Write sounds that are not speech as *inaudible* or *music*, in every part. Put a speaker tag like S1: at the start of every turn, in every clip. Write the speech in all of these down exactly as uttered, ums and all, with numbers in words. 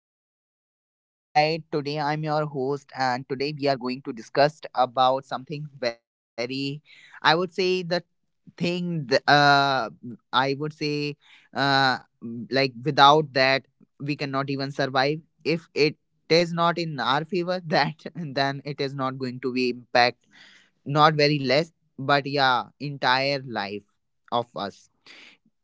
S1: Listeners, Ajay this side. Today I'm your host, and today we are going to discuss about something very, I would say, the thing, th- uh, I would say, uh, like without that we cannot even survive. If it is not in our favor, that *laughs* then it is not going to be impact, not very less, but yeah, entire life of us.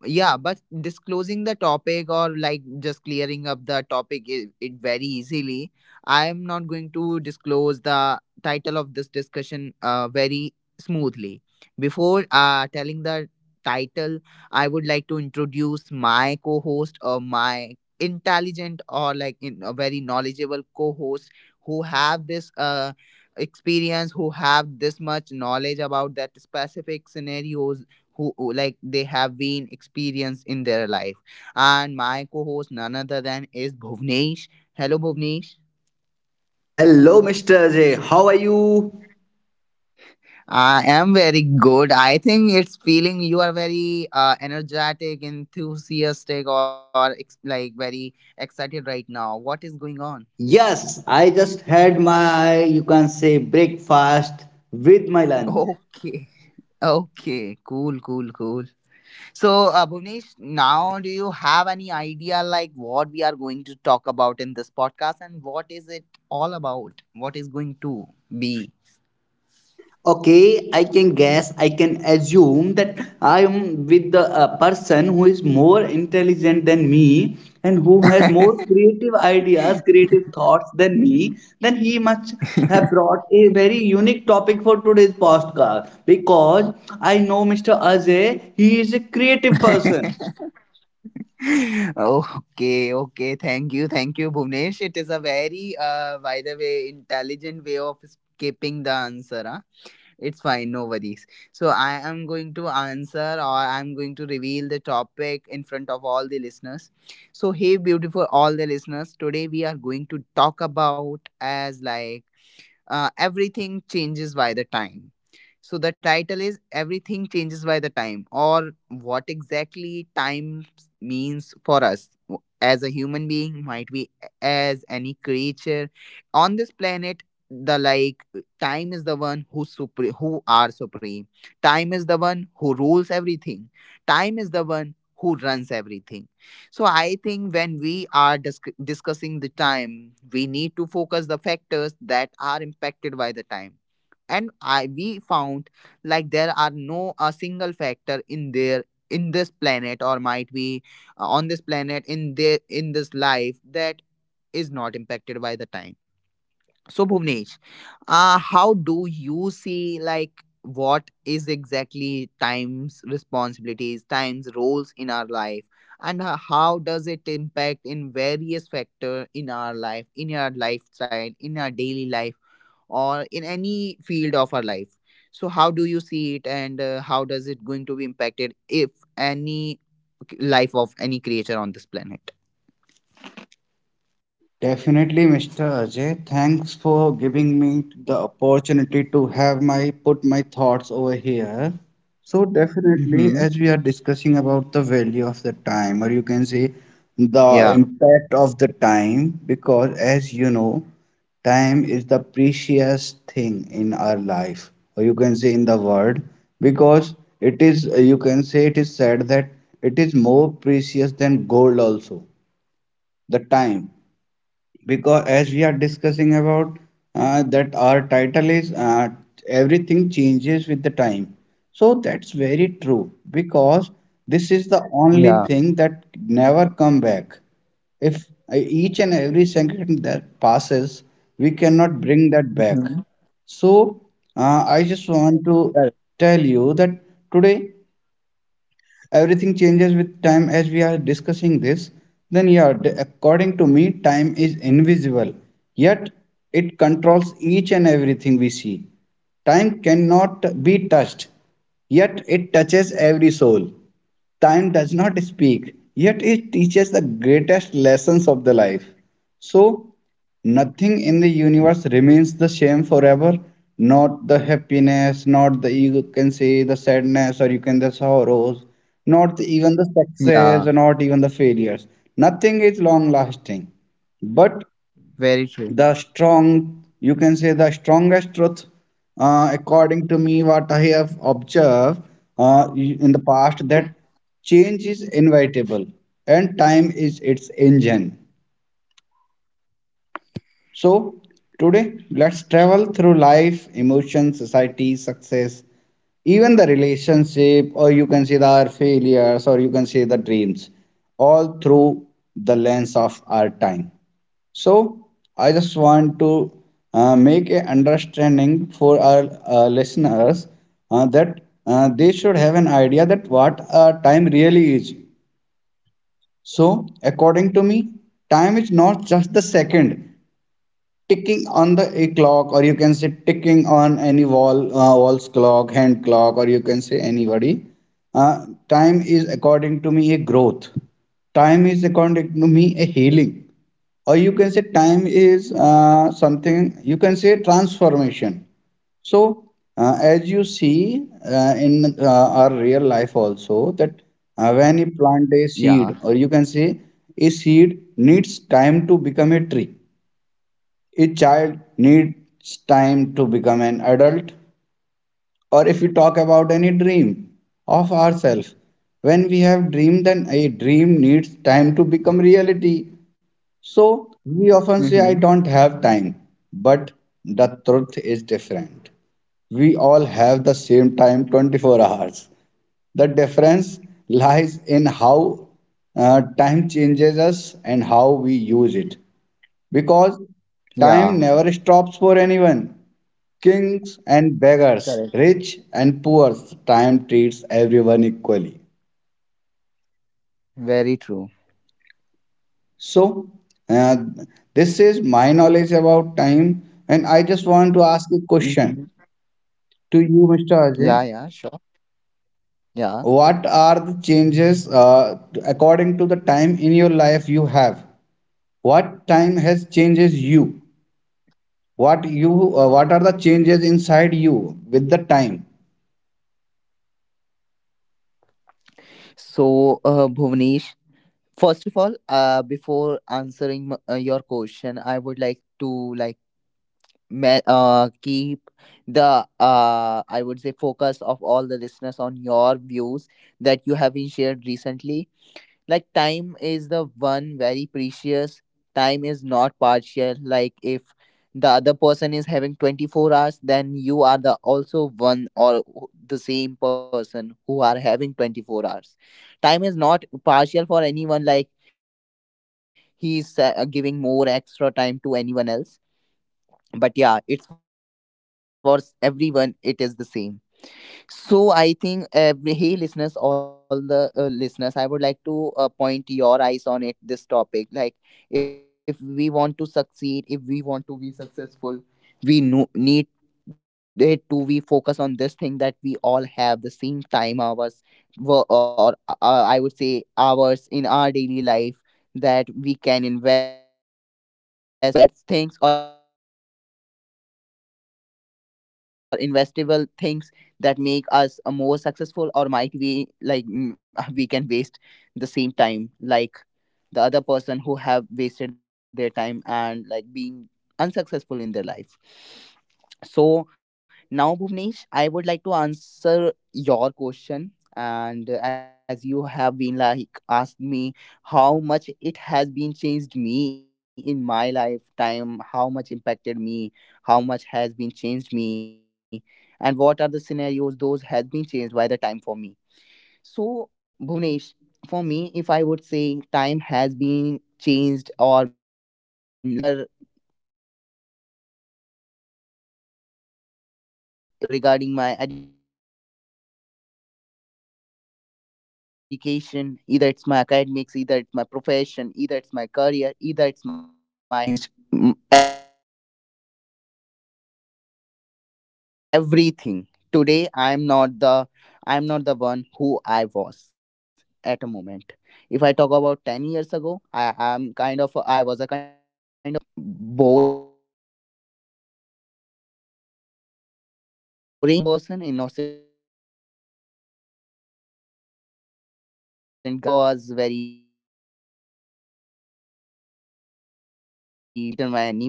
S1: Yeah, but disclosing the topic or like just clearing up the topic, it, it very easily, I am not going to disclose the title of this discussion uh, very smoothly. Before uh, telling the title, I would like to introduce my co-host, or my intelligent, or like in a very knowledgeable co-host, who have this uh, experience, who have this much knowledge about that specific scenarios, who who, like, they have been experienced in their life. And my co-host, none other than, is Bhuvnesh. Hello, Bhuvnesh.
S2: Hello, Mister Ajay. How are you?
S1: I am very good. I think it's feeling you are very uh, energetic, enthusiastic, or ex- like very excited right now. What is going on?
S2: Yes, I just had my, you can say, breakfast with my lunch.
S1: *laughs* Okay, okay, cool, cool, cool. So, uh, Bhuvnesh, now do you have any idea like what we are going to talk about in this podcast, and what is it all about? What is going to be?
S2: Okay, I can guess, I can assume that I am with the uh, person who is more intelligent than me and who has more creative ideas,
S1: *laughs*
S2: creative thoughts than me. Then he must have brought a very unique topic for today's podcast because I know Mister Ajay, he is a creative person.
S1: Okay, okay. Thank you, thank you, Bhuvnesh. It is a very, uh, by the way, intelligent way of escaping the answer, huh? It's fine, no worries. So, I am going to answer, or I'm going to reveal the topic in front of all the listeners. So, hey, beautiful, all the listeners, today we are going to talk about, as like, uh, everything changes by the time. So the title is everything changes by the time, or what exactly time means for us as a human being, might be as any creature on this planet. The like, time is the one who supre- who are supreme. Time is the one who rules everything. Time is the one who runs everything. So I think when we are disc- discussing the time, we need to focus the factors that are impacted by the time. And I we found, like, there are no a single factor in there in this planet, or might be uh, on this planet, in there in this life, that is not impacted by the time. So, Bhuvnesh, uh, how do you see, like, what is exactly time's responsibilities, time's roles in our life, and uh, how does it impact in various factor in our life, in our lifestyle, in our daily life, or in any field of our life? So, how do you see it, and uh, how does it going to be impacted if any life of any creature on this planet?
S2: Definitely, Mister Ajay. Thanks for giving me the opportunity to have my put my thoughts over here. So definitely,
S1: Mm-hmm.
S2: as we are discussing about the value of the time, or you can say the
S1: Yeah.
S2: impact of the time, because as you know, time is the precious thing in our life, or you can say in the world, because it is, you can say it is said that it is more precious than gold also, the time, because as we are discussing about uh, that our title is uh, everything changes with the time, so that's very true because this is the only
S1: Yeah.
S2: thing that never come back, if uh, each and every second that passes we cannot bring that back.
S1: Mhm.
S2: So uh, I just want to tell you that today everything changes with time as we are discussing this. Then yeah, d- according to me time is invisible, yet it controls each and everything we see. Time cannot be touched, yet it touches every soul. Time does not speak, yet it teaches the greatest lessons of the life. So, nothing in the universe remains the same forever. Not the happiness, not the you can say the sadness, or you can the sorrows, not even the
S1: Yeah.
S2: success, or not even the failures. Nothing is long lasting. But
S1: Very true.
S2: the strong you can say the strongest truth, uh, according to me what I have observed uh, in the past, that change is inevitable and time is its engine. So today let's travel through life, emotions, society, success, even the relationship, or you can say the our failures, or you can say the dreams, all through the lens of our time. So I just want to uh, make a understanding for our uh, listeners, uh, that uh, they should have an idea that what uh, time really is. So according to me, time is not just the second ticking on the a clock, or you can say ticking on any wall, uh, wall's clock, hand clock, or you can say anybody. Uh, time is according to me a growth. Time is according to me a healing, or you can say time is uh, something you can say transformation. So uh, as you see uh, in uh, our real life also, that uh, when you plant a seed,
S1: Yeah,
S2: or you can say a seed needs time to become a tree, a child
S1: very true.
S2: needs time to become an adult, or if we talk about any dream of ourselves, when we have dream then a dream needs time to become reality. So we often say, I
S1: Mm-hmm.
S2: don't have time, but the truth is different. We all have the same time, twenty-four hours. The difference lies in how uh, time changes us and how we use it. Because time
S1: Yeah,
S2: never stops for anyone. Kings and beggars,
S1: correct.
S2: rich and poor, time treats everyone equally.
S1: Very true.
S2: So, uh, this is my knowledge about time, and I just want to ask a
S1: Mm-hmm.
S2: question to you, Mister Ajay.
S1: Yeah, yeah, sure. Yeah.
S2: What are the changes uh, according to the time in your life you have? What time has changes you? What you? Uh, what are the changes inside you with the time?
S1: So, uh, Bhuvnesh, first of all, uh, before answering m- uh, your question, I would like to, like, ma- uh, keep the, uh, I would say, focus of all the listeners on your views that you have been shared recently. Like, time is the one very precious. Time is not partial, like, if the other person is having twenty-four hours, then you are the also one, or the same person who are having twenty-four hours. Time is not partial for anyone, like he's uh, giving more extra time to anyone else, but yeah, it's for s- everyone it is the same. So I think every, hey listeners, all the uh, listeners, I would like to uh, point your eyes on it. This topic, like, if we want to succeed, if we want to be successful, we no- need it to we focus on this thing, that we all have the same time hours, wo- or uh, I would say hours in our daily life that we can invest, either in, like, sa- uh, m- good doings, bad things, or investable things that make us uh, more successful, or might we like, mm, *laughs* we can waste the same time like the other person who have wasted their time, and like being unsuccessful in their life. So now, Bhuvnesh, I would like to answer your question. And uh, as you have been like asked me how much it has been changed me in my lifetime, how much impacted me, how much has been changed me, and what are the scenarios those has been changed by the time for me. So, Bhuvnesh, for me, if I would say time has been changed, or like made changes, multiple changes in my life, either regarding my se- uh, why, I would say, personality, either regarding my education, either it's my academics, either it's my profession, either it's my career, either it's my uh, relations. Time has been changed. mm, Everything. Today, I am not the I am not the one who I was at a moment. If I talk about ten years ago, I am kind of a, I was a kind of a personality that was uh, very boring. That was kind of a very innocent person, innocent guy, and a ten year old somewhere guy, who was very big, who like, *laughs* who was just like,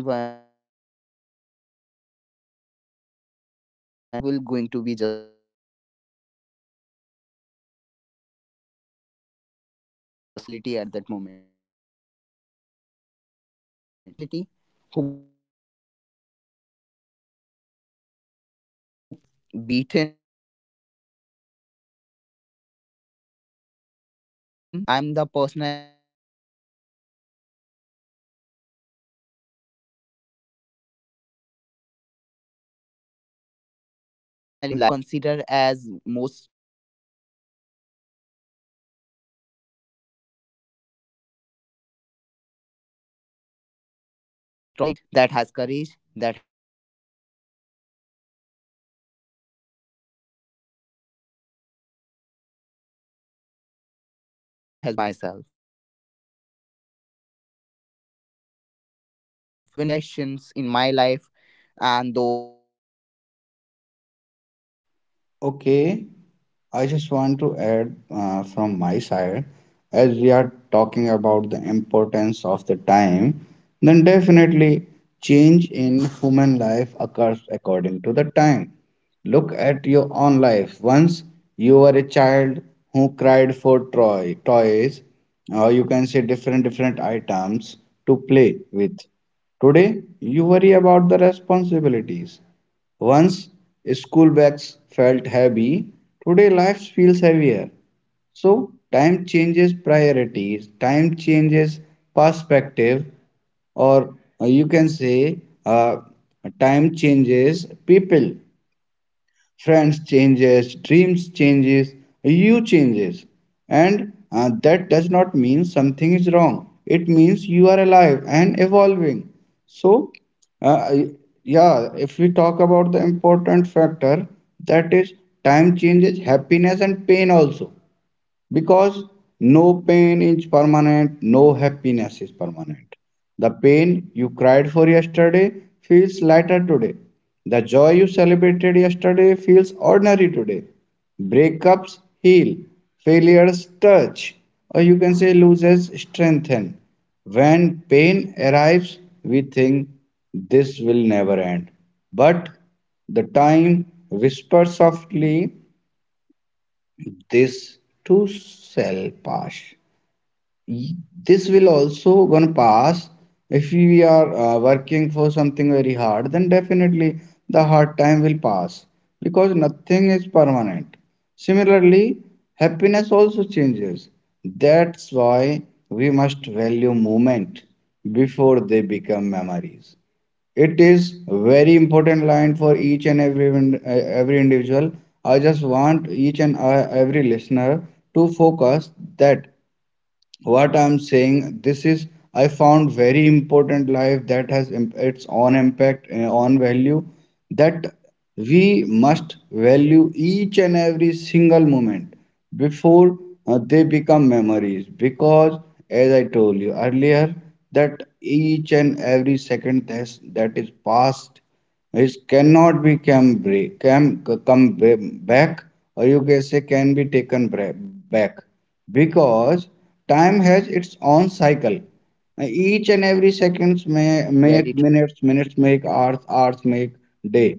S1: can be beaten by anyone. Who, if someone even uh, scolded him, he will going to be just cry. So i'm i was that kind of personality at that moment. But if I talk about today, to, uh, today I am the personality who can never who cannot be, uh, I would say, beaten. *laughs* Beaten is a very far thing, but who who I'm the personality today itself, like, who cannot even be, like, demeaned by someone else. Because today I ex- myself consider as most strong personality in myself, most bold personality, most courageable pers- courageable personality, that has courage, that has boldness, who have uh, bravery in within myself. So time is the only one who has been given me those opportunities, those scenarios, those situations in my life, and those dynamics that has been made me, uh, that capable to change
S2: Okay.
S1: all my
S2: I
S1: personality
S2: just want
S1: from
S2: to add
S1: a weaker
S2: uh, from
S1: person.
S2: my side, as we are talking about
S1: Yeah.
S2: the importance of the time, then definitely
S1: Yeah,
S2: change in human life occurs according to the time. Look at your own life.
S1: yeah,
S2: Once you were a child who cried for toy, toys, or you can say different different items to play with. Today you worry about the responsibilities. Once school
S1: yeah.
S2: bags felt heavy, today life feels heavier.
S1: Sorry,
S2: So time changes priorities, time changes
S1: am I audible,
S2: perspective,
S1: Bhuvnesh?
S2: or uh, you can say uh, time changes people, friends changes, dreams changes, you changes, and uh, that does not mean something is wrong, it means you are alive and evolving. So uh, yeah, if we talk about the important factor, that is time changes happiness and pain also, because no pain is permanent, no happiness is permanent. The pain you cried for yesterday feels lighter today. The joy you celebrated yesterday feels ordinary today. Breakups heal, failures touch, or you can say loses strengthen. When pain arrives, we think this will never end. But the time whispers softly, this too shall pass. y- this will also gonna pass. If we are uh, working for something very hard, then definitely the hard time will pass, because nothing is permanent. Similarly happiness also changes. That's why we must value moment before they become memories. It is very important line for each and every ind- uh, every individual. I just want each and uh, every listener to focus that what I'm saying this is I found very important life that has im- its own impact uh, on value, that we must
S3: Yeah,
S2: value each and every single moment before uh, they become memories,
S3: yeah,
S2: because as I told you earlier, that each and every second that's, that is past, it cannot be come, bra- come, come back, or you can say can be taken back, because time has its own cycle. Each and every seconds may make minutes, minutes make hours,
S3: very true.
S2: hours make day.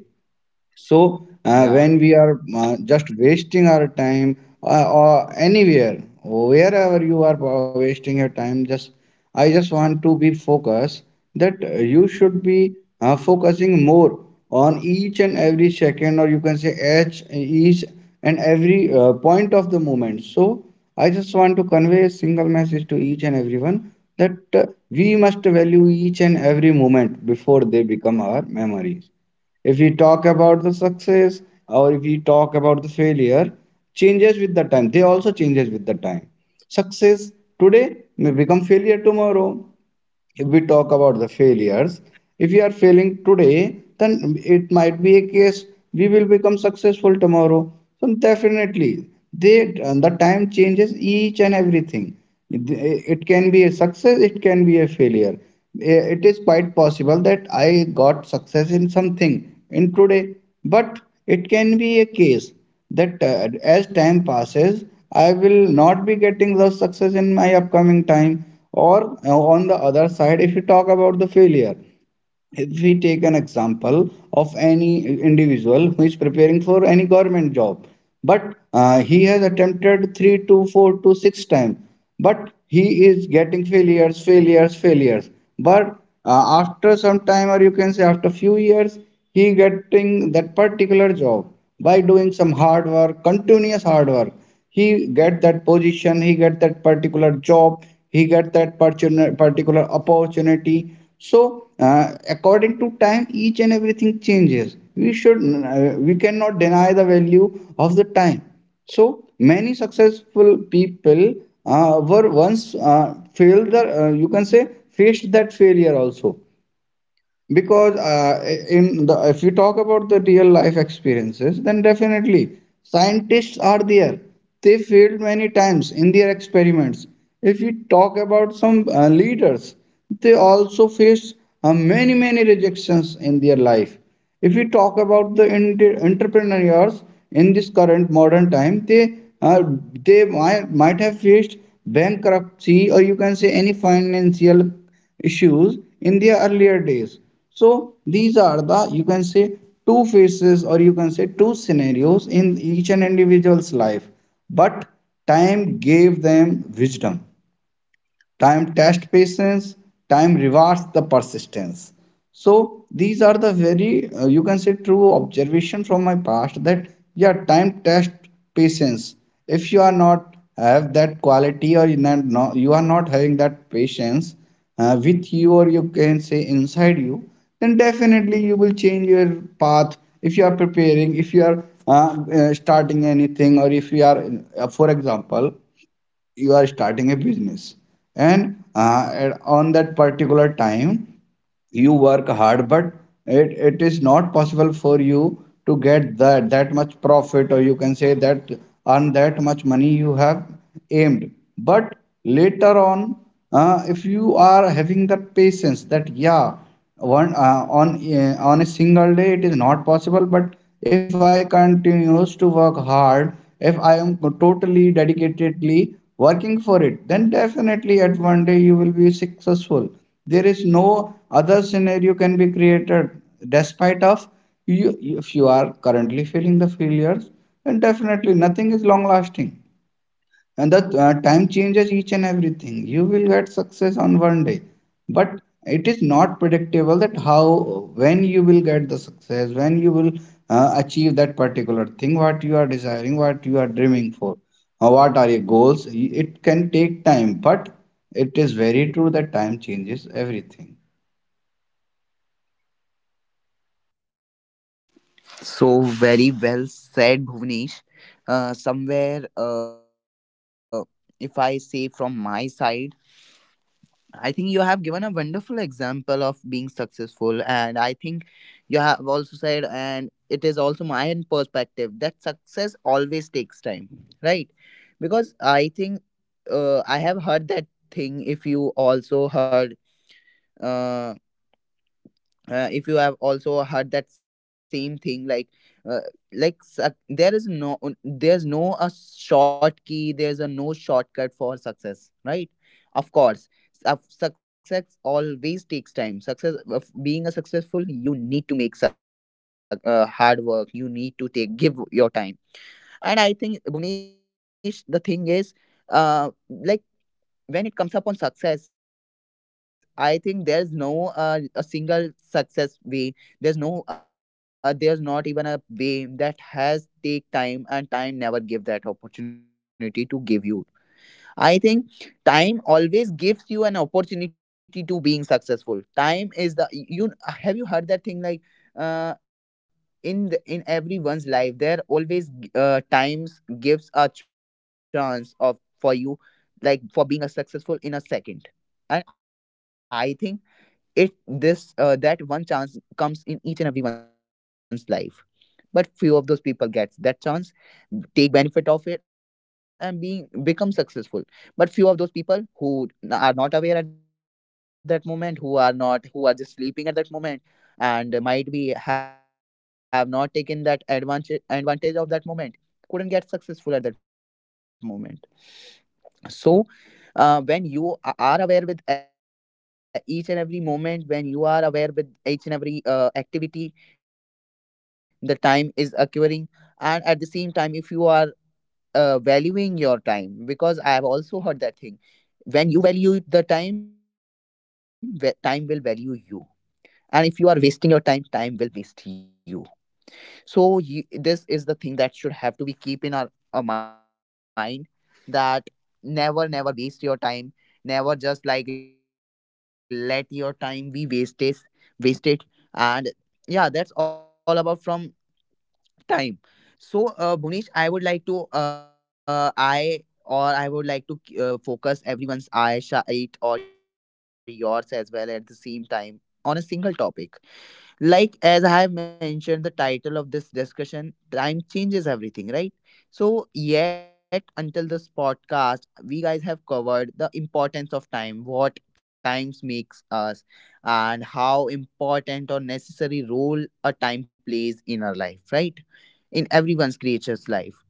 S2: So uh, when we are uh,
S3: Yeah,
S2: just wasting our time, uh, or anywhere, wherever you are uh, wasting your time, just I just want to be focused that uh, you should be uh, focusing more on each and every second, or you can say each, each and every uh, point of the moment. So I just want to convey a single message to each and everyone that uh, we must value each and every moment before they become our memories. If we talk about the success, or if we talk about the failure, changes with the time. They also changes with the time. Success today may become failure tomorrow. If we talk about the failures, if you are failing today then it might be a case we will become successful tomorrow. So definitely they the time changes each and everything. it it can be a success, it can be a failure. It is quite possible that I got success in something in today, but it can be a case that uh, as time passes I will not be getting the success in my upcoming time. Or uh, on the other side, if you talk about the failure, if we take an example of any individual who is preparing for any government job, but uh, he has attempted three to four to six times, but he is getting failures failures failures. But uh, after some time, or you can say after few years, he getting that particular job, by doing some hard work, continuous hard work, he get that position, he get that particular job, he get that partuna- particular opportunity. So uh, according to time each and everything changes. We should uh, we cannot deny the value of the time. So many successful people uh, were once uh, failed the, uh, you can say faced that failure also. Because uh, in the if you talk about the real life experiences then definitely scientists are there, they failed many times in their experiments. If you talk about some uh, leaders, they also face uh, many many rejections in their life. If we talk about the inter- entrepreneurs in this current modern time, they uh, they might, might have faced bankruptcy, or you can say any financial issues in their earlier days. So these are the you can say two faces, or you can say two scenarios in each and individual's life. But time gave them wisdom. Time tests patience, time rewards the persistence. So these are the very uh, you can say true observation from my past, that yeah time test patience. If you are not have that quality or you not no- you are not having that patience uh, with you or you can say inside you, then definitely you will change your path if you are preparing if you are uh, uh, starting anything or if you are uh, for example you are starting a business and uh, at- on that particular time you work hard but it, it is not possible for you to get that that much profit or you can say that earn that much money you have aimed but later on uh, if you are having that patience that yeah one uh, on uh, on a single day it is not possible but if I continues to work hard if I am totally dedicatedly working for it then definitely at one day you will be successful. There is no other scenario can be created despite of you. If you are currently feeling the failures then definitely nothing is long lasting, and the uh, time changes each and everything. You will get success on one day but it is not predictable that how when you will get the success, when you will uh, achieve that particular thing what you are desiring, what you are dreaming for, or what are your goals. It can take time but it is very true that time changes everything.
S3: so very well said, Bhuvnesh. Uh, somewhere, uh, if I say from my side, I think you have given a wonderful example of being successful, and I think you have also said, and it is also my own perspective that success always takes time, right? Because I think uh, I have heard that thing. If you also heard. uh, uh, if you have also heard that same thing like uh, like suc- there is no, there's no a short key, there's a no shortcut for success, right? Of course, of success always takes time. Success of being a successful, you need to make suc- uh, hard work, you need to take give your time. And I think, Bhuvnesh, the thing is, uh like when it comes upon success, I think there's no uh, a single success way. There's no uh, there's not even a way that has take time and time never give that opportunity to give you. I think time always gives you an opportunity to being successful. Time is the y- you have you heard that thing like uh in the, in everyone's life there always g- uh times gives a chance of for you, like for being a successful in a second. And I think it this uh that one chance comes in each and everyone's life, but few of those people gets that chance, take benefit of it and being become successful. But few of those people who n- are not aware at that moment, who are not, who are just sleeping at that moment, and uh, might be have not taken that advantage advantage of that moment, couldn't get successful at that moment. So uh, when you a- are aware with uh, each and every moment, when you are aware with each and every uh, activity, the time is occurring. And at the same time, if you are uh, valuing your time, because I have also heard that thing, when you value the time, wa- time will value you, and if you are wasting your time, time will waste you. So you, this is the thing that should have to be keep in our, our mind, that never, never waste your time, never just like let your time be wasted wasted. And yeah, that's all about from time. So uh, Bhunish, I would like to uh, i or I would like to uh, focus everyone's eye shite or yours as well at the same time on a single topic, like as I have mentioned, the title of this discussion, time changes everything, right? So yet until this podcast we guys have covered the importance of time, what times makes us, and how important or necessary role a time plays in our life, right? In everyone's creature's life.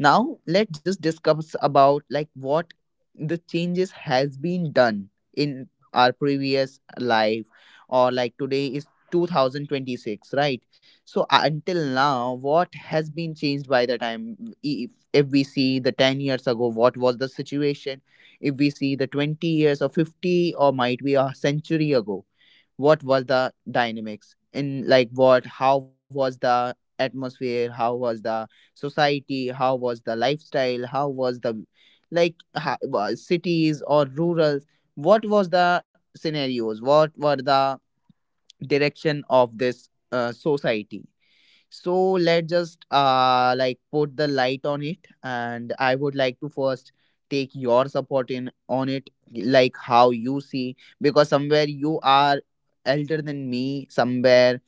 S3: Now let's just discuss about like what the changes has been done in our previous life. Or like today is two thousand twenty-six, right? So uh, until now what has been changed by the time? If, if we see the ten years ago, what was the situation? If we see the twenty years or fifty or might be a century ago, what was the dynamics in, like, what, how was the atmosphere, how was the society, how was the lifestyle, how was the like ha- wa- cities or rural, what was the scenarios, what were the direction of this uh, society. So let's just uh like put the light on it, and I would like to first take your support in on it, like how you see, because somewhere you are elder than me somewhere,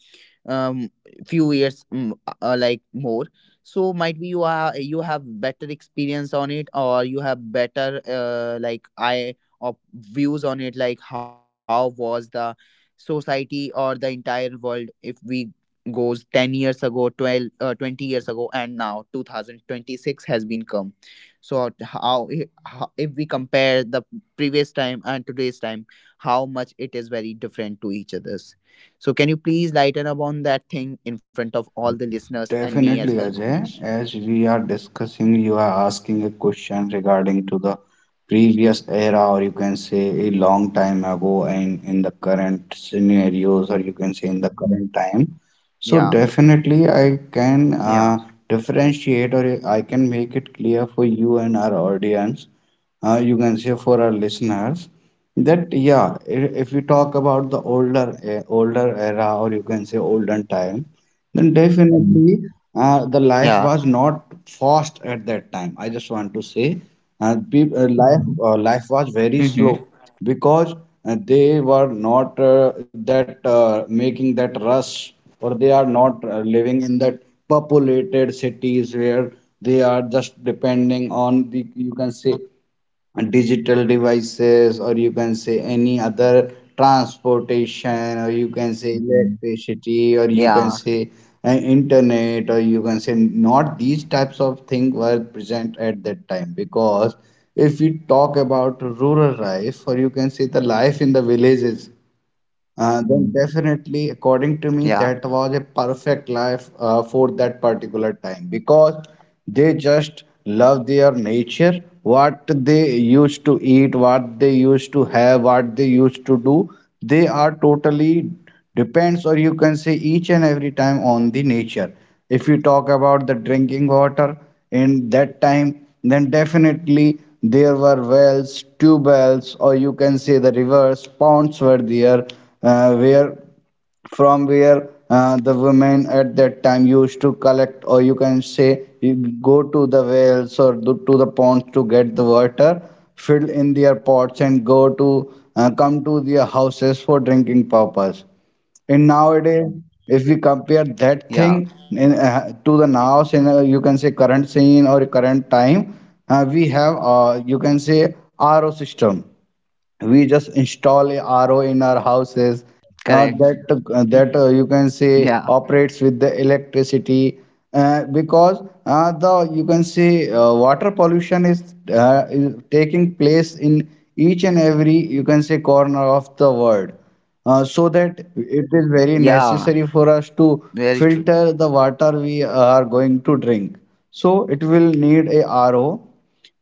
S3: um few years, mm, uh, like more. So might be you are, you have better experience on it, or you have better uh, like eye or views on it, like how was the society or the entire world if we goes ten years ago, twelve uh, twenty years ago, and now two thousand twenty-six has been come. So t- how, i- how, if we compare the previous time and today's time, how much it is very different to each other. So can you please lighten up on that thing in front of all the listeners and me as
S2: Definitely,
S3: well, Bhuvnesh?
S2: Ajay. As we are discussing, you are asking a question regarding to the previous era, or you can say a long time ago, and in the current scenarios, or you can say in the current time. So
S3: Yeah,
S2: definitely, I can
S3: yeah,
S2: uh, differentiate, or I can make it clear for you and our audience. Uh, you can say for our listeners that yeah, i- if we talk about the older eh, older era, or you can say olden time then definitely uh, the life
S3: Yeah.
S2: was not fast at that time. I just want to say, uh, peop uh, life uh, life was very
S3: Mm-hmm.
S2: slow because uh, they were not uh, that uh, making that rush, or they are not uh, living in that populated cities where they are just depending on the you can say digital devices or you can say any other transportation or you can say electricity or you can
S3: Yeah.
S2: say uh, internet or you can say not these types of things were present at that time. Because if we talk about rural life or you can say the life in the villages, uh, then definitely, according to
S3: Yeah.
S2: me, that was a perfect life uh, for that particular time because they just love their nature, what they used to eat, what they used to have, what they used to do. They are totally depends or you can say each and every time on the nature. If you talk about the drinking water in that time then definitely there were wells tubes or you can say the rivers ponds were there, uh, where from where uh, the women at that time used to collect or you can say you go to the wells or do- to the ponds to get the water, fill in their pots and go to uh, come to their houses for drinking purpose. And nowadays, if we compare
S3: yeah.
S2: that thing in, uh, to the now scene, uh, you can say current scene or current time, uh, we have, uh, you can say R O system, we just install a R O in our
S3: Correct.
S2: houses uh,
S3: Mhm.
S2: that that uh, you can
S3: Yeah,
S2: say operates with the electricity uh, because uh, the you can say uh, water pollution is, uh, is taking place in each and every you can say corner of the world, uh, so
S3: yeah.
S2: that it is very
S3: Very true.
S2: necessary for us to filter the water we are going to drink. So it will need a R O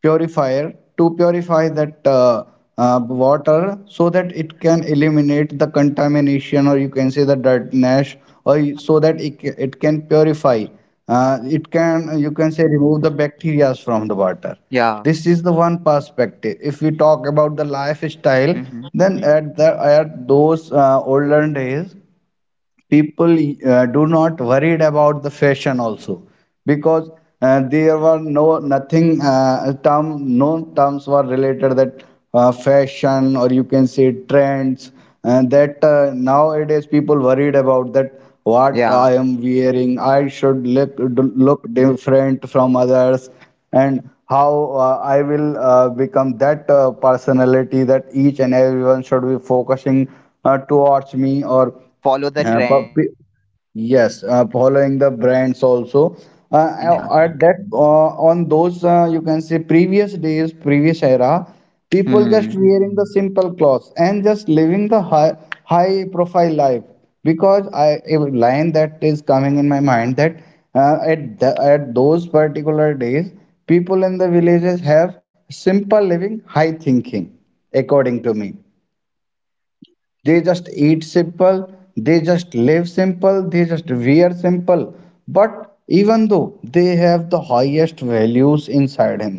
S2: purifier to purify that uh, uh, water so that it can eliminate the contamination or you can say the dirtiness, or so that it, it can purify, uh, it can you can say remove the bacteria
S3: Yeah,
S2: from the water. This is the one perspective. If we talk
S3: Mm-hmm.
S2: about the lifestyle, then at the at those uh, olden days people uh, do not worried about the fashion also because uh, there were no nothing uh, term no terms were related that uh, fashion or you can say trends. And that uh, nowadays people
S3: Yeah.
S2: worried about that what I am wearing, I should look look different from others, and how uh, I will
S3: *laughs*
S2: uh,
S3: Correct.
S2: become that uh, personality that each and everyone should be focusing uh, towards me or uh, but pe-
S3: Follow
S2: yes,
S3: the
S2: uh,
S3: trend.
S2: following
S3: *laughs*
S2: the brands also. Uh,
S3: Uh,
S2: uh, at that uh, on those
S3: yeah,
S2: uh, you can say previous days, previous era, people just wearing the simple clothes and
S3: hmm,
S2: just living the high high profile life. Because I a line that is coming in my mind that uh, at the, at those particular days, people in the villages have simple living, high thinking, according to me. They just
S3: correct.
S2: eat
S3: Very true.
S2: simple, they just live simple, they just wear simple, but even though they have the highest values inside him,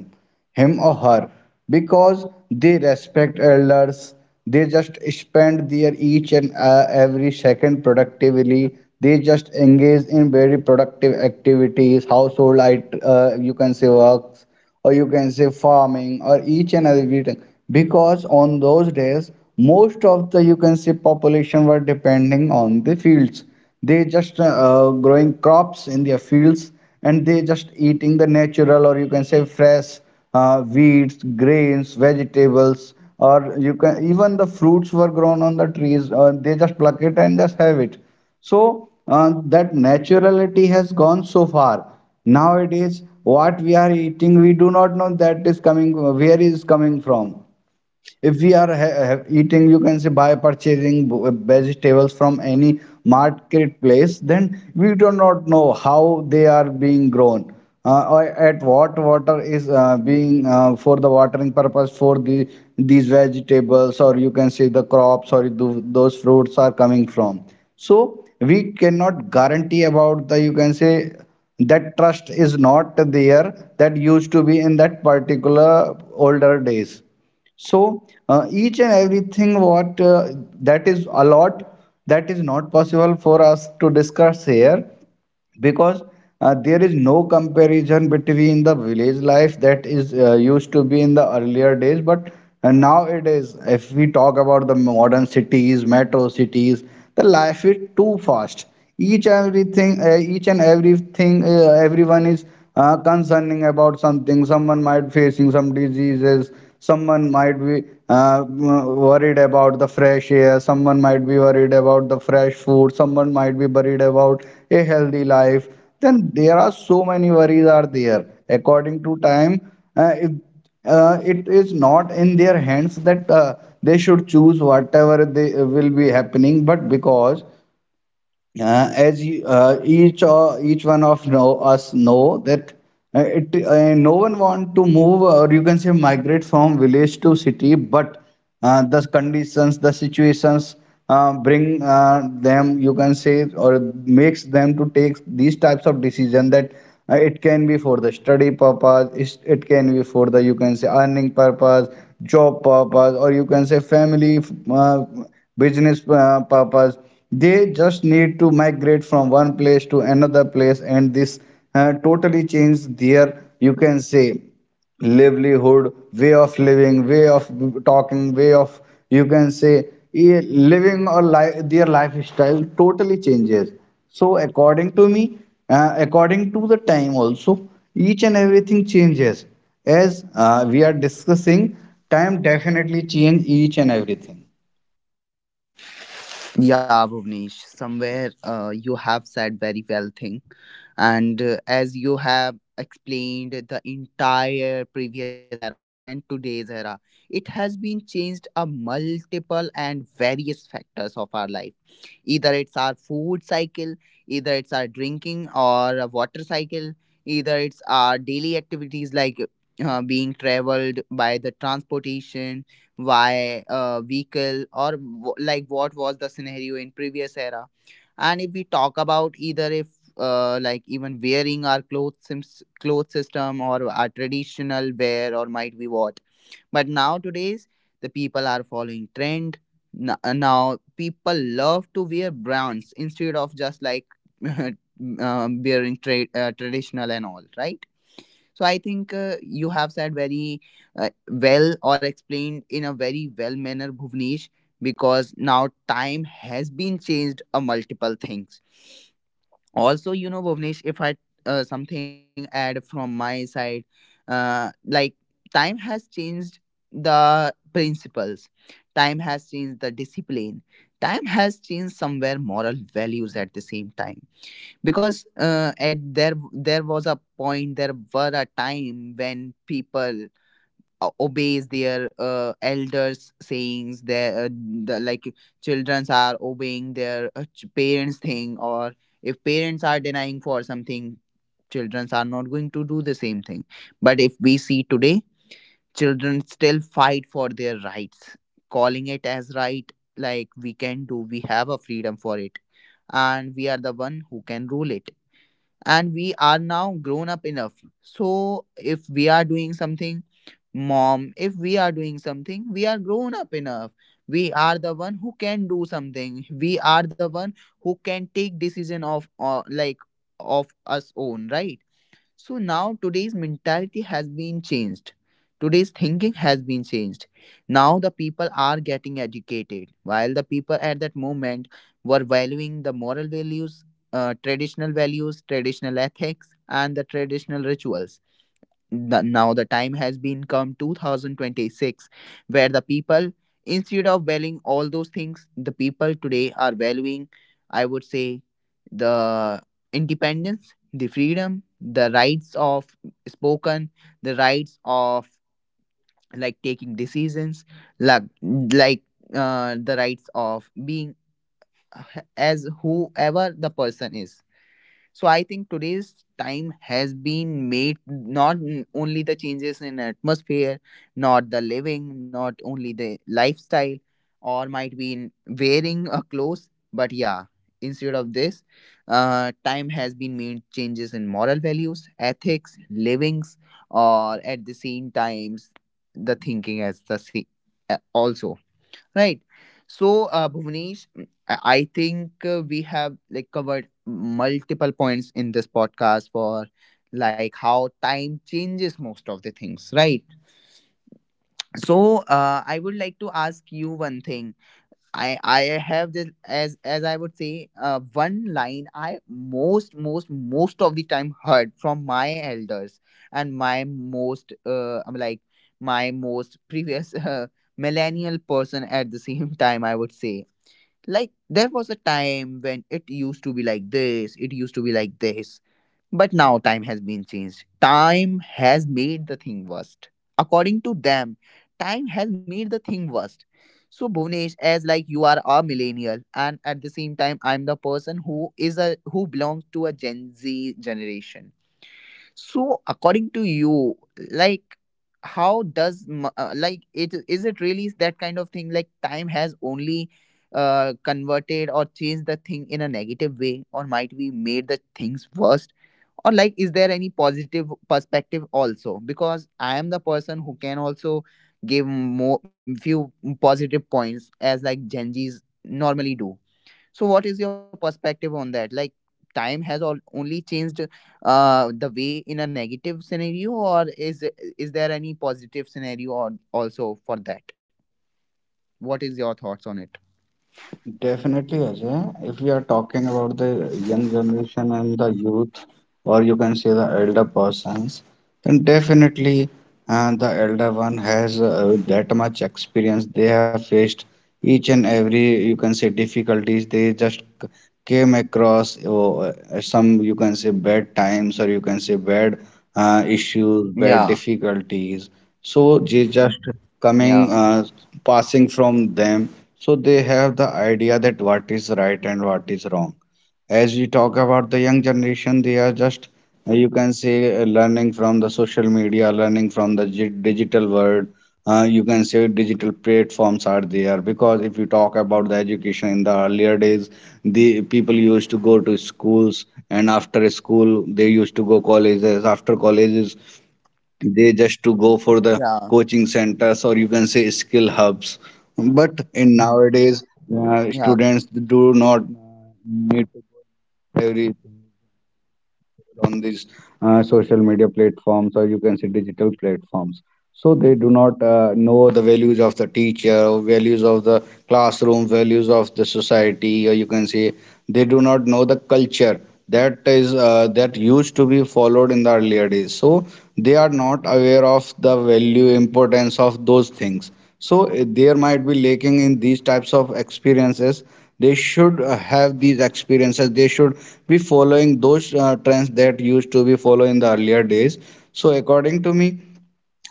S2: him or her, because they respect elders, they just spend their each and uh, every second productively. They just engage in very productive activities, household it- uh, you can say works, or you can say farming, or each and every thing, because on those days most of the you can say population were depending on the fields. They just uh, uh, growing crops in their fields and they just eating the natural or you can say fresh uh, wheats, grains, vegetables, or you can even the fruits were grown on the trees. Uh, they just pluck it and just have it. So uh, that naturality has gone so far. Nowadays, what we are eating, we do not know that is coming where is coming from. If we are ha ha eating you can say by purchasing v- vegetables from any marketplace, then we do not know how they are being grown, uh, or at what water is uh, being uh, for the watering purpose for the these vegetables or you can say the crops, or th- those fruits are coming from. So we cannot guarantee about the you can say that trust is not there that used to be in that particular older days. So uh, each and everything what uh, that is a lot, that is not possible for us to discuss here because uh, there is no comparison between the village life that is uh, used to be in the earlier days. But uh, nowadays if we talk about the modern cities metro cities, the
S3: Yeah.
S2: life is too fast. Each everything uh, each and everything uh, everyone is uh, concerning about something, someone might facing some diseases, someone might be uh, mm, worried about the fresh air, someone might be worried about the fresh food, someone might be worried about a healthy life. Then there are so many worries are there according to time. uh, if uh, it is not in their hands that uh, they should choose whatever they will be happening, but because uh, as you, uh, each uh, each one of know, us know that uh, it uh, no one want to move or you can say migrate from village to city, but uh, the conditions, the situations uh, bring uh, them you can say or makes them to take these types of decision, that uh, it can be for the study purpose, is- it can be for the you can say earning purpose, job purpose, or you can say family. Uh, business uh, purpose. They just need to migrate from one place to another place, and this uh, totally change their you can say livelihood, way of living, way of talking, way of you can say eh, living or life, their lifestyle totally changes. So according to me, uh, according to the time also, each and everything changes. As uh, we are discussing, time definitely change each and everything.
S1: Yeah, Bhuvnesh, somewhere uh, you have said very well thing. And uh, as you have explained the entire previous era and today's era, it has been changed a multiple and various factors of our life. Either it's our food cycle, either it's our drinking or a water cycle, either it's our daily activities, like uh, being traveled by the transportation, why a vehicle, or w- like what was the scenario in previous era. And if we talk about, either if uh, like even wearing our clothes, sims- clothes system, or our traditional wear, or might be what, but now today's, the people are following trend. N- uh, now people love to wear brands, instead of just like, *laughs* um, wearing tra- uh, traditional and all, right? So I think, uh, you have said very, uh, well, or explained in a very well manner, Bhuvnesh, because now time has been changed a multiple things. Also, you know, Bhuvnesh, if I uh, something add from my side, uh, like, time has changed the principles, time has changed the discipline, time has changed somewhere moral values at the same time. Because uh, at there there was a point, there were a time when people uh, obeys their uh, elders sayings, their, uh, the, like, childrens are obeying their uh, ch- parents thing, or if parents are denying for something, childrens are not going to do the same thing. But if we see today, children still fight for their rights, calling it as right, like, we can do, we have a freedom for it, and we are the one who can rule it, and we are now grown up enough. So if we are doing something mom if we are doing something, we are grown up enough, we are the one who can do something, we are the one who can take decision of, uh, like, of us own, right? So now today's mentality has been changed. Today's thinking has been changed. Now the people are getting educated, while the people at that moment were valuing the moral values, uh, traditional values, traditional ethics, and the traditional rituals. The, now the time has been come two thousand twenty-six, where the people, instead of valuing all those things, the people today are valuing, I would say, the independence, the freedom, the rights of spoken, the rights of, like, taking decisions, like, like uh, the rights of being as whoever the person is. So I think today's time has been made not n- only the changes in atmosphere, not the living, not only the lifestyle, or might be in wearing a clothes, but yeah, instead of this, uh, time has been made changes in moral values, ethics, livings, or at the same times the thinking as the same also. Right. So, uh, Bhuvnesh, mm, I I think uh, we have like covered multiple points in this podcast, for like how time changes most of the things, right? So, uh, I would like to ask you one thing. I I have this as, as I would say, uh, one line I most most most of the time heard from my elders, and my most, uh, I'm like, my most previous *laughs* uh, millennial person at the same time, I would say, like, there was a time when it used to be like this, it used to be like this, but now time has been changed, time has made the thing worst. According to them, time has made the thing worst. So, Bhuvnesh, as like, you are a millennial, and at the same time, I'm the person who is a who belongs to a gen z generation. So, according to you, like, how does m- uh, like, it is, it really that kind of thing? Like, time has only uh, converted or changed the thing in a negative way, or might we made the things worse? Or like, is there any positive perspective also? Because I am the person who can also give more few positive points, as like Gen Zs normally do. So, what is your perspective on that? Like, time has all only changed uh, the way in a negative scenario, or is is there any positive scenario on, also, for that? What is your thoughts on it?
S2: Definitely, Ajay. If we are talking about the young generation and the youth, or you can say the elder persons, and definitely, uh, the elder one has uh, that much experience. They have faced each and every, you can say, difficulties. They just c- came across uh, uh, some, you can say, bad times or you can say bad uh,
S1: Yeah,
S2: issues, bad difficulties. So they just
S1: yeah,
S2: coming, uh, passing from them. So they have the idea that what is right and what is wrong. As we talk about the young generation, they are just you can say uh, learning from the social media, learning from the gi- digital world, uh, you can say digital platforms are there. Because if you talk about the education in the earlier days, the people used to go to schools and after school they used to go colleges, after colleges they just
S1: yeah,
S2: to go for the coaching centers or you can say skill hubs. But in nowadays
S1: yeah.
S2: uh, students do not uh, need to go every on these uh, social media platforms or you can say digital platforms. So they do not uh, know the values of the teacher, values of the classroom, values of the society, or you can say they do not know the culture that is uh, that used to be followed in the earlier days. So they are not aware of the value importance of those things. So eh, there might be lacking in these types of experiences. They should uh, have these experiences, they should be following those uh, trends that used to be followed in the earlier days. So according to me,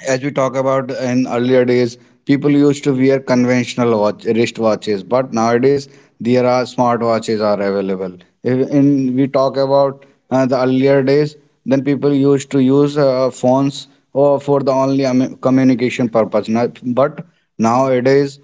S2: as we talk about in earlier days, people used to wear conventional watch, wrist watches, but nowadays there are smart watches are available. If in we talk about uh, the earlier days, then people used to use uh, phones or for the only um, communication purpose. Not- But nowadays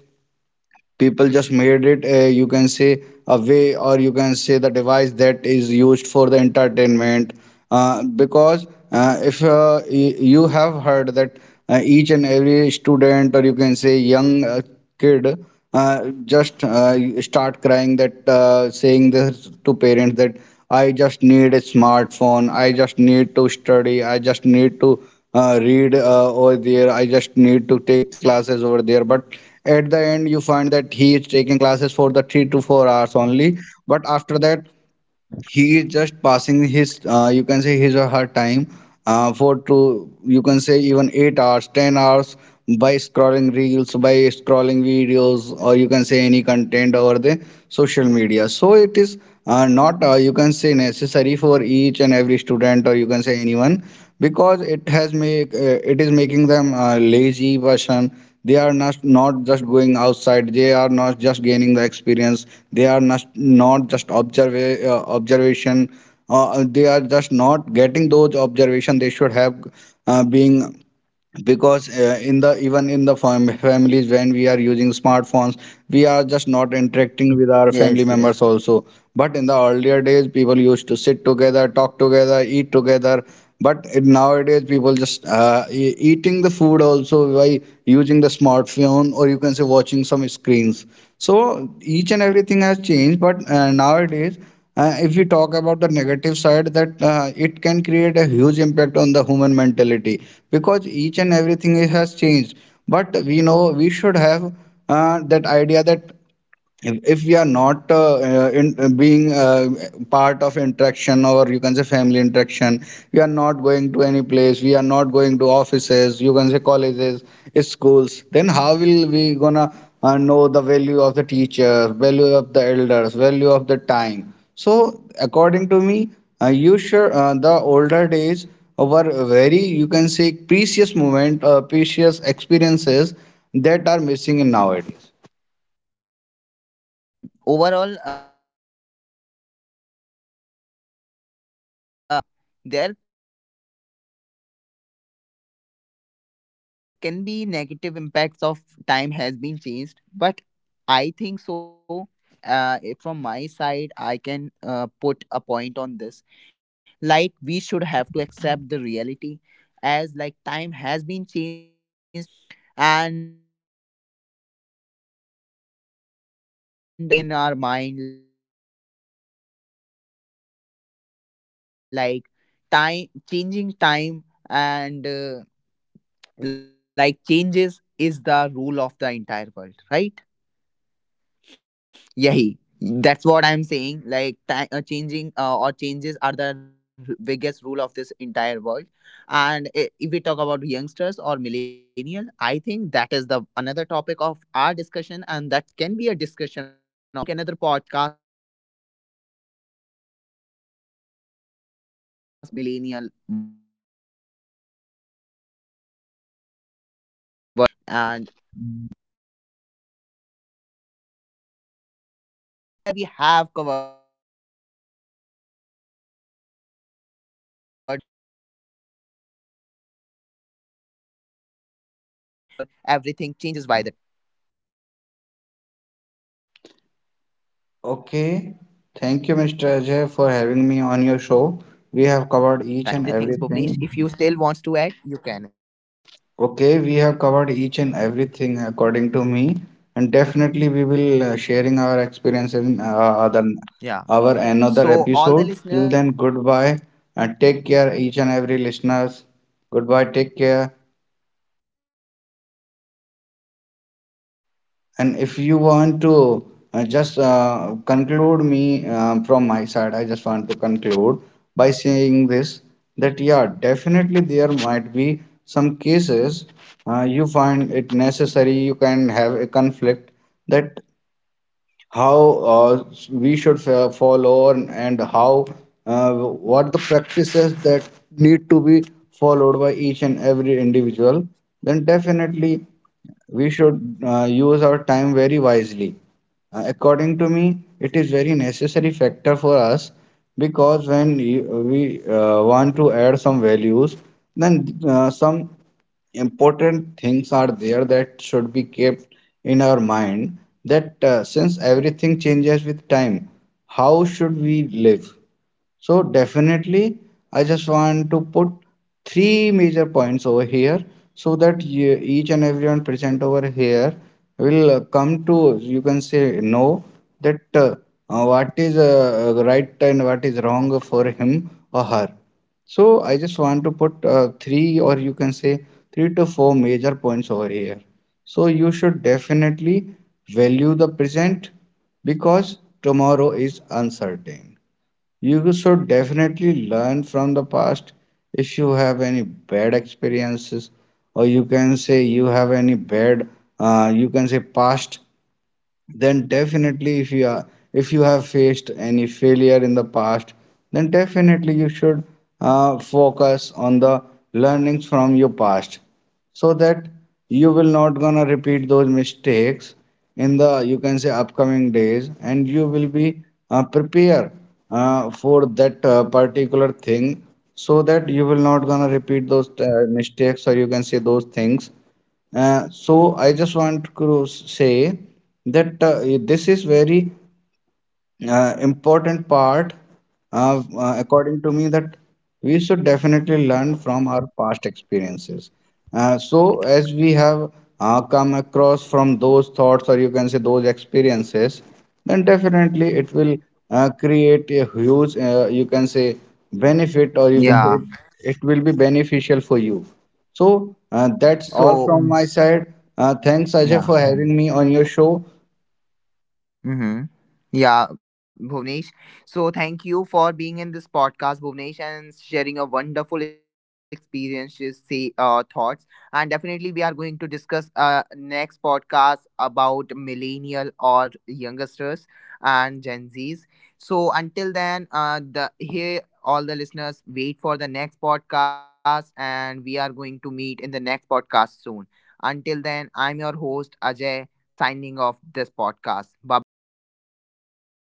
S2: people just made it uh, you can say a way or you can say the device that is used for the entertainment. Uh, because uh, if uh, y- you have heard that uh, each and every student or you can say young uh, kid uh, just uh, start crying that uh, saying this to parents that I just need a smartphone, I just need to study, I just need to uh, read uh, over there. I just need to take classes over there. But at the end, you find that he is taking classes for the three to four hours only. But after that, he is just passing his, uh, you can say his or her time uh, for to, you can say even eight hours, ten hours by scrolling reels, by scrolling videos, or you can say any content over the social media. So it is uh, not, uh, you can say necessary for each and every student, or you can say anyone because it has make uh, it is making them uh, lazy person. They are not not just going outside, they are not just gaining the experience, they are not not just observe, uh, observation, uh, they are just not getting those observation they should have uh, being. Because uh, in the even in the fam- families when we are using smartphones,
S1: Yes, yes.
S2: we are just not interacting with our family members also. But in the earlier days people used to sit together, talk together, eat together, but in nowadays people just uh, e- eating the food also by using the smartphone or you can say watching some screens. So each and everything has changed. But uh, nowadays uh, if we talk about the negative side, that uh, it can create a huge impact on the human mentality because each and everything has changed. But we know we should have uh, that idea that if, if we are not uh, uh, in, uh, being uh, part of interaction or you can say family interaction. We are not going to any place, we are not going to offices, you can say colleges, schools, then how will we gonna uh, know the value of the teacher, value of the elders, value of the time. So according to me, uh, you sure uh, the older days were very, you can say, precious moment, uh, precious experiences that are missing in nowadays.
S1: But yeah, eh, overall, uh, according to me, as like, Bhuvnesh, you have told somewhere, yeah, there can be negative impacts of time has been changed, but I think so. Uh, eh, from my side, I can uh, put a point on this. Like, we should have to accept the reality, as like time has been changed, not in the negative o- way only, but the positive way as well. And uh, we need, we need, we have to keep this thing in our mind, like time, changing time, and uh, like, changes is the rule of the entire world, right? Yahi. That's what I'm saying. Like, ti- uh, changing, uh, or changes are the r- biggest rule of this entire world. And i- if we talk about youngsters or millennial, I think that is the another topic of our discussion, and that can be a discussion of, like, topic of discussion. So let's just uh make another podcast on this topic, how, like, previous era, or like how millennial versus gen z's, and like how olders versus younger, and layout. So, for as of this podcast, Bhuvnesh, somewhere we have covered multiple or various uh, aspects, or various uh, factors of this discussion, like time changes everything, or everything changes by the time. So, from my side, I have covered wo- uh, most of the
S2: Okay,
S1: things, Bhuvnesh.
S2: thank
S1: If
S2: you,
S1: you
S2: Mister
S1: still wants
S2: Ajay,
S1: to
S2: for
S1: add, you
S2: having me on
S1: can.
S2: your show. We have covered each and
S1: Yeah,
S2: everything.
S1: yeah.
S2: Okay, we have
S1: So,
S2: covered
S1: all the
S2: each and
S1: listeners.
S2: everything according to me, and definitely we will uh,
S1: Mhm.
S2: sharing our experience in uh, other our another episode. Till then, goodbye and take care, each and every listeners. Goodbye, take care. And if you want to uh, just uh, conclude me, um, from my side, I just want to conclude by saying this that yeah, definitely there might be some cases uh, you find it necessary, you can have a conflict that how uh, we should uh, follow, and, and how uh, what the practices that need to be followed by each and every individual. Then definitely we should uh, use our time very wisely. Uh, according to me it is very necessary factor for us because when y- we uh, want to add some values, then uh, some important things are there that should be kept in our mind, that uh, since everything changes with time, how should we live? So definitely, I just want to put three major points over here so that ye- each and everyone present over here will uh, come to, you can say, know that uh, uh, what is uh, uh, right and what is wrong for him or her. So I just want to put uh, three, or you can say three to four major points over here. So you should definitely value the present because tomorrow is uncertain. You should definitely learn from the past. If you have any bad experiences, or you can say you have any bad, uh, you can say past, then definitely if you are, if you have faced any failure in the past, then definitely you should uh, focus on the learnings from your past so that you will not gonna repeat those mistakes in the, you can say, upcoming days, and you will be uh, prepare uh, for that uh, particular thing so that you will not gonna repeat those uh, mistakes or you can say those things. Uh, so I just want to say that uh, this is very uh, important part, uh, uh, according to me, that we should definitely learn from our past experiences. Uh, so as we have uh, come across from those thoughts or you can say those experiences, then definitely it will uh, create a huge uh, you can say benefit or you can say
S4: Yeah.
S2: it, it will be beneficial for you. So uh, that's all
S4: So
S2: from my side. Uh, thanks Ajay
S4: yeah.
S2: for having me on your show.
S4: Mm-hmm. Yeah, Bhuvnesh. So thank you for being in this podcast, Bhuvnesh, and sharing your wonderful experiences, say uh, thoughts. And definitely, we are going to discuss uh next podcast about millennial or youngsters and Gen Zs. So until then, uh, the here all the listeners wait for the next podcast, and we are going to meet in the next podcast soon. Until then, I'm your host Ajay, signing off this podcast. Bye bye. Take care.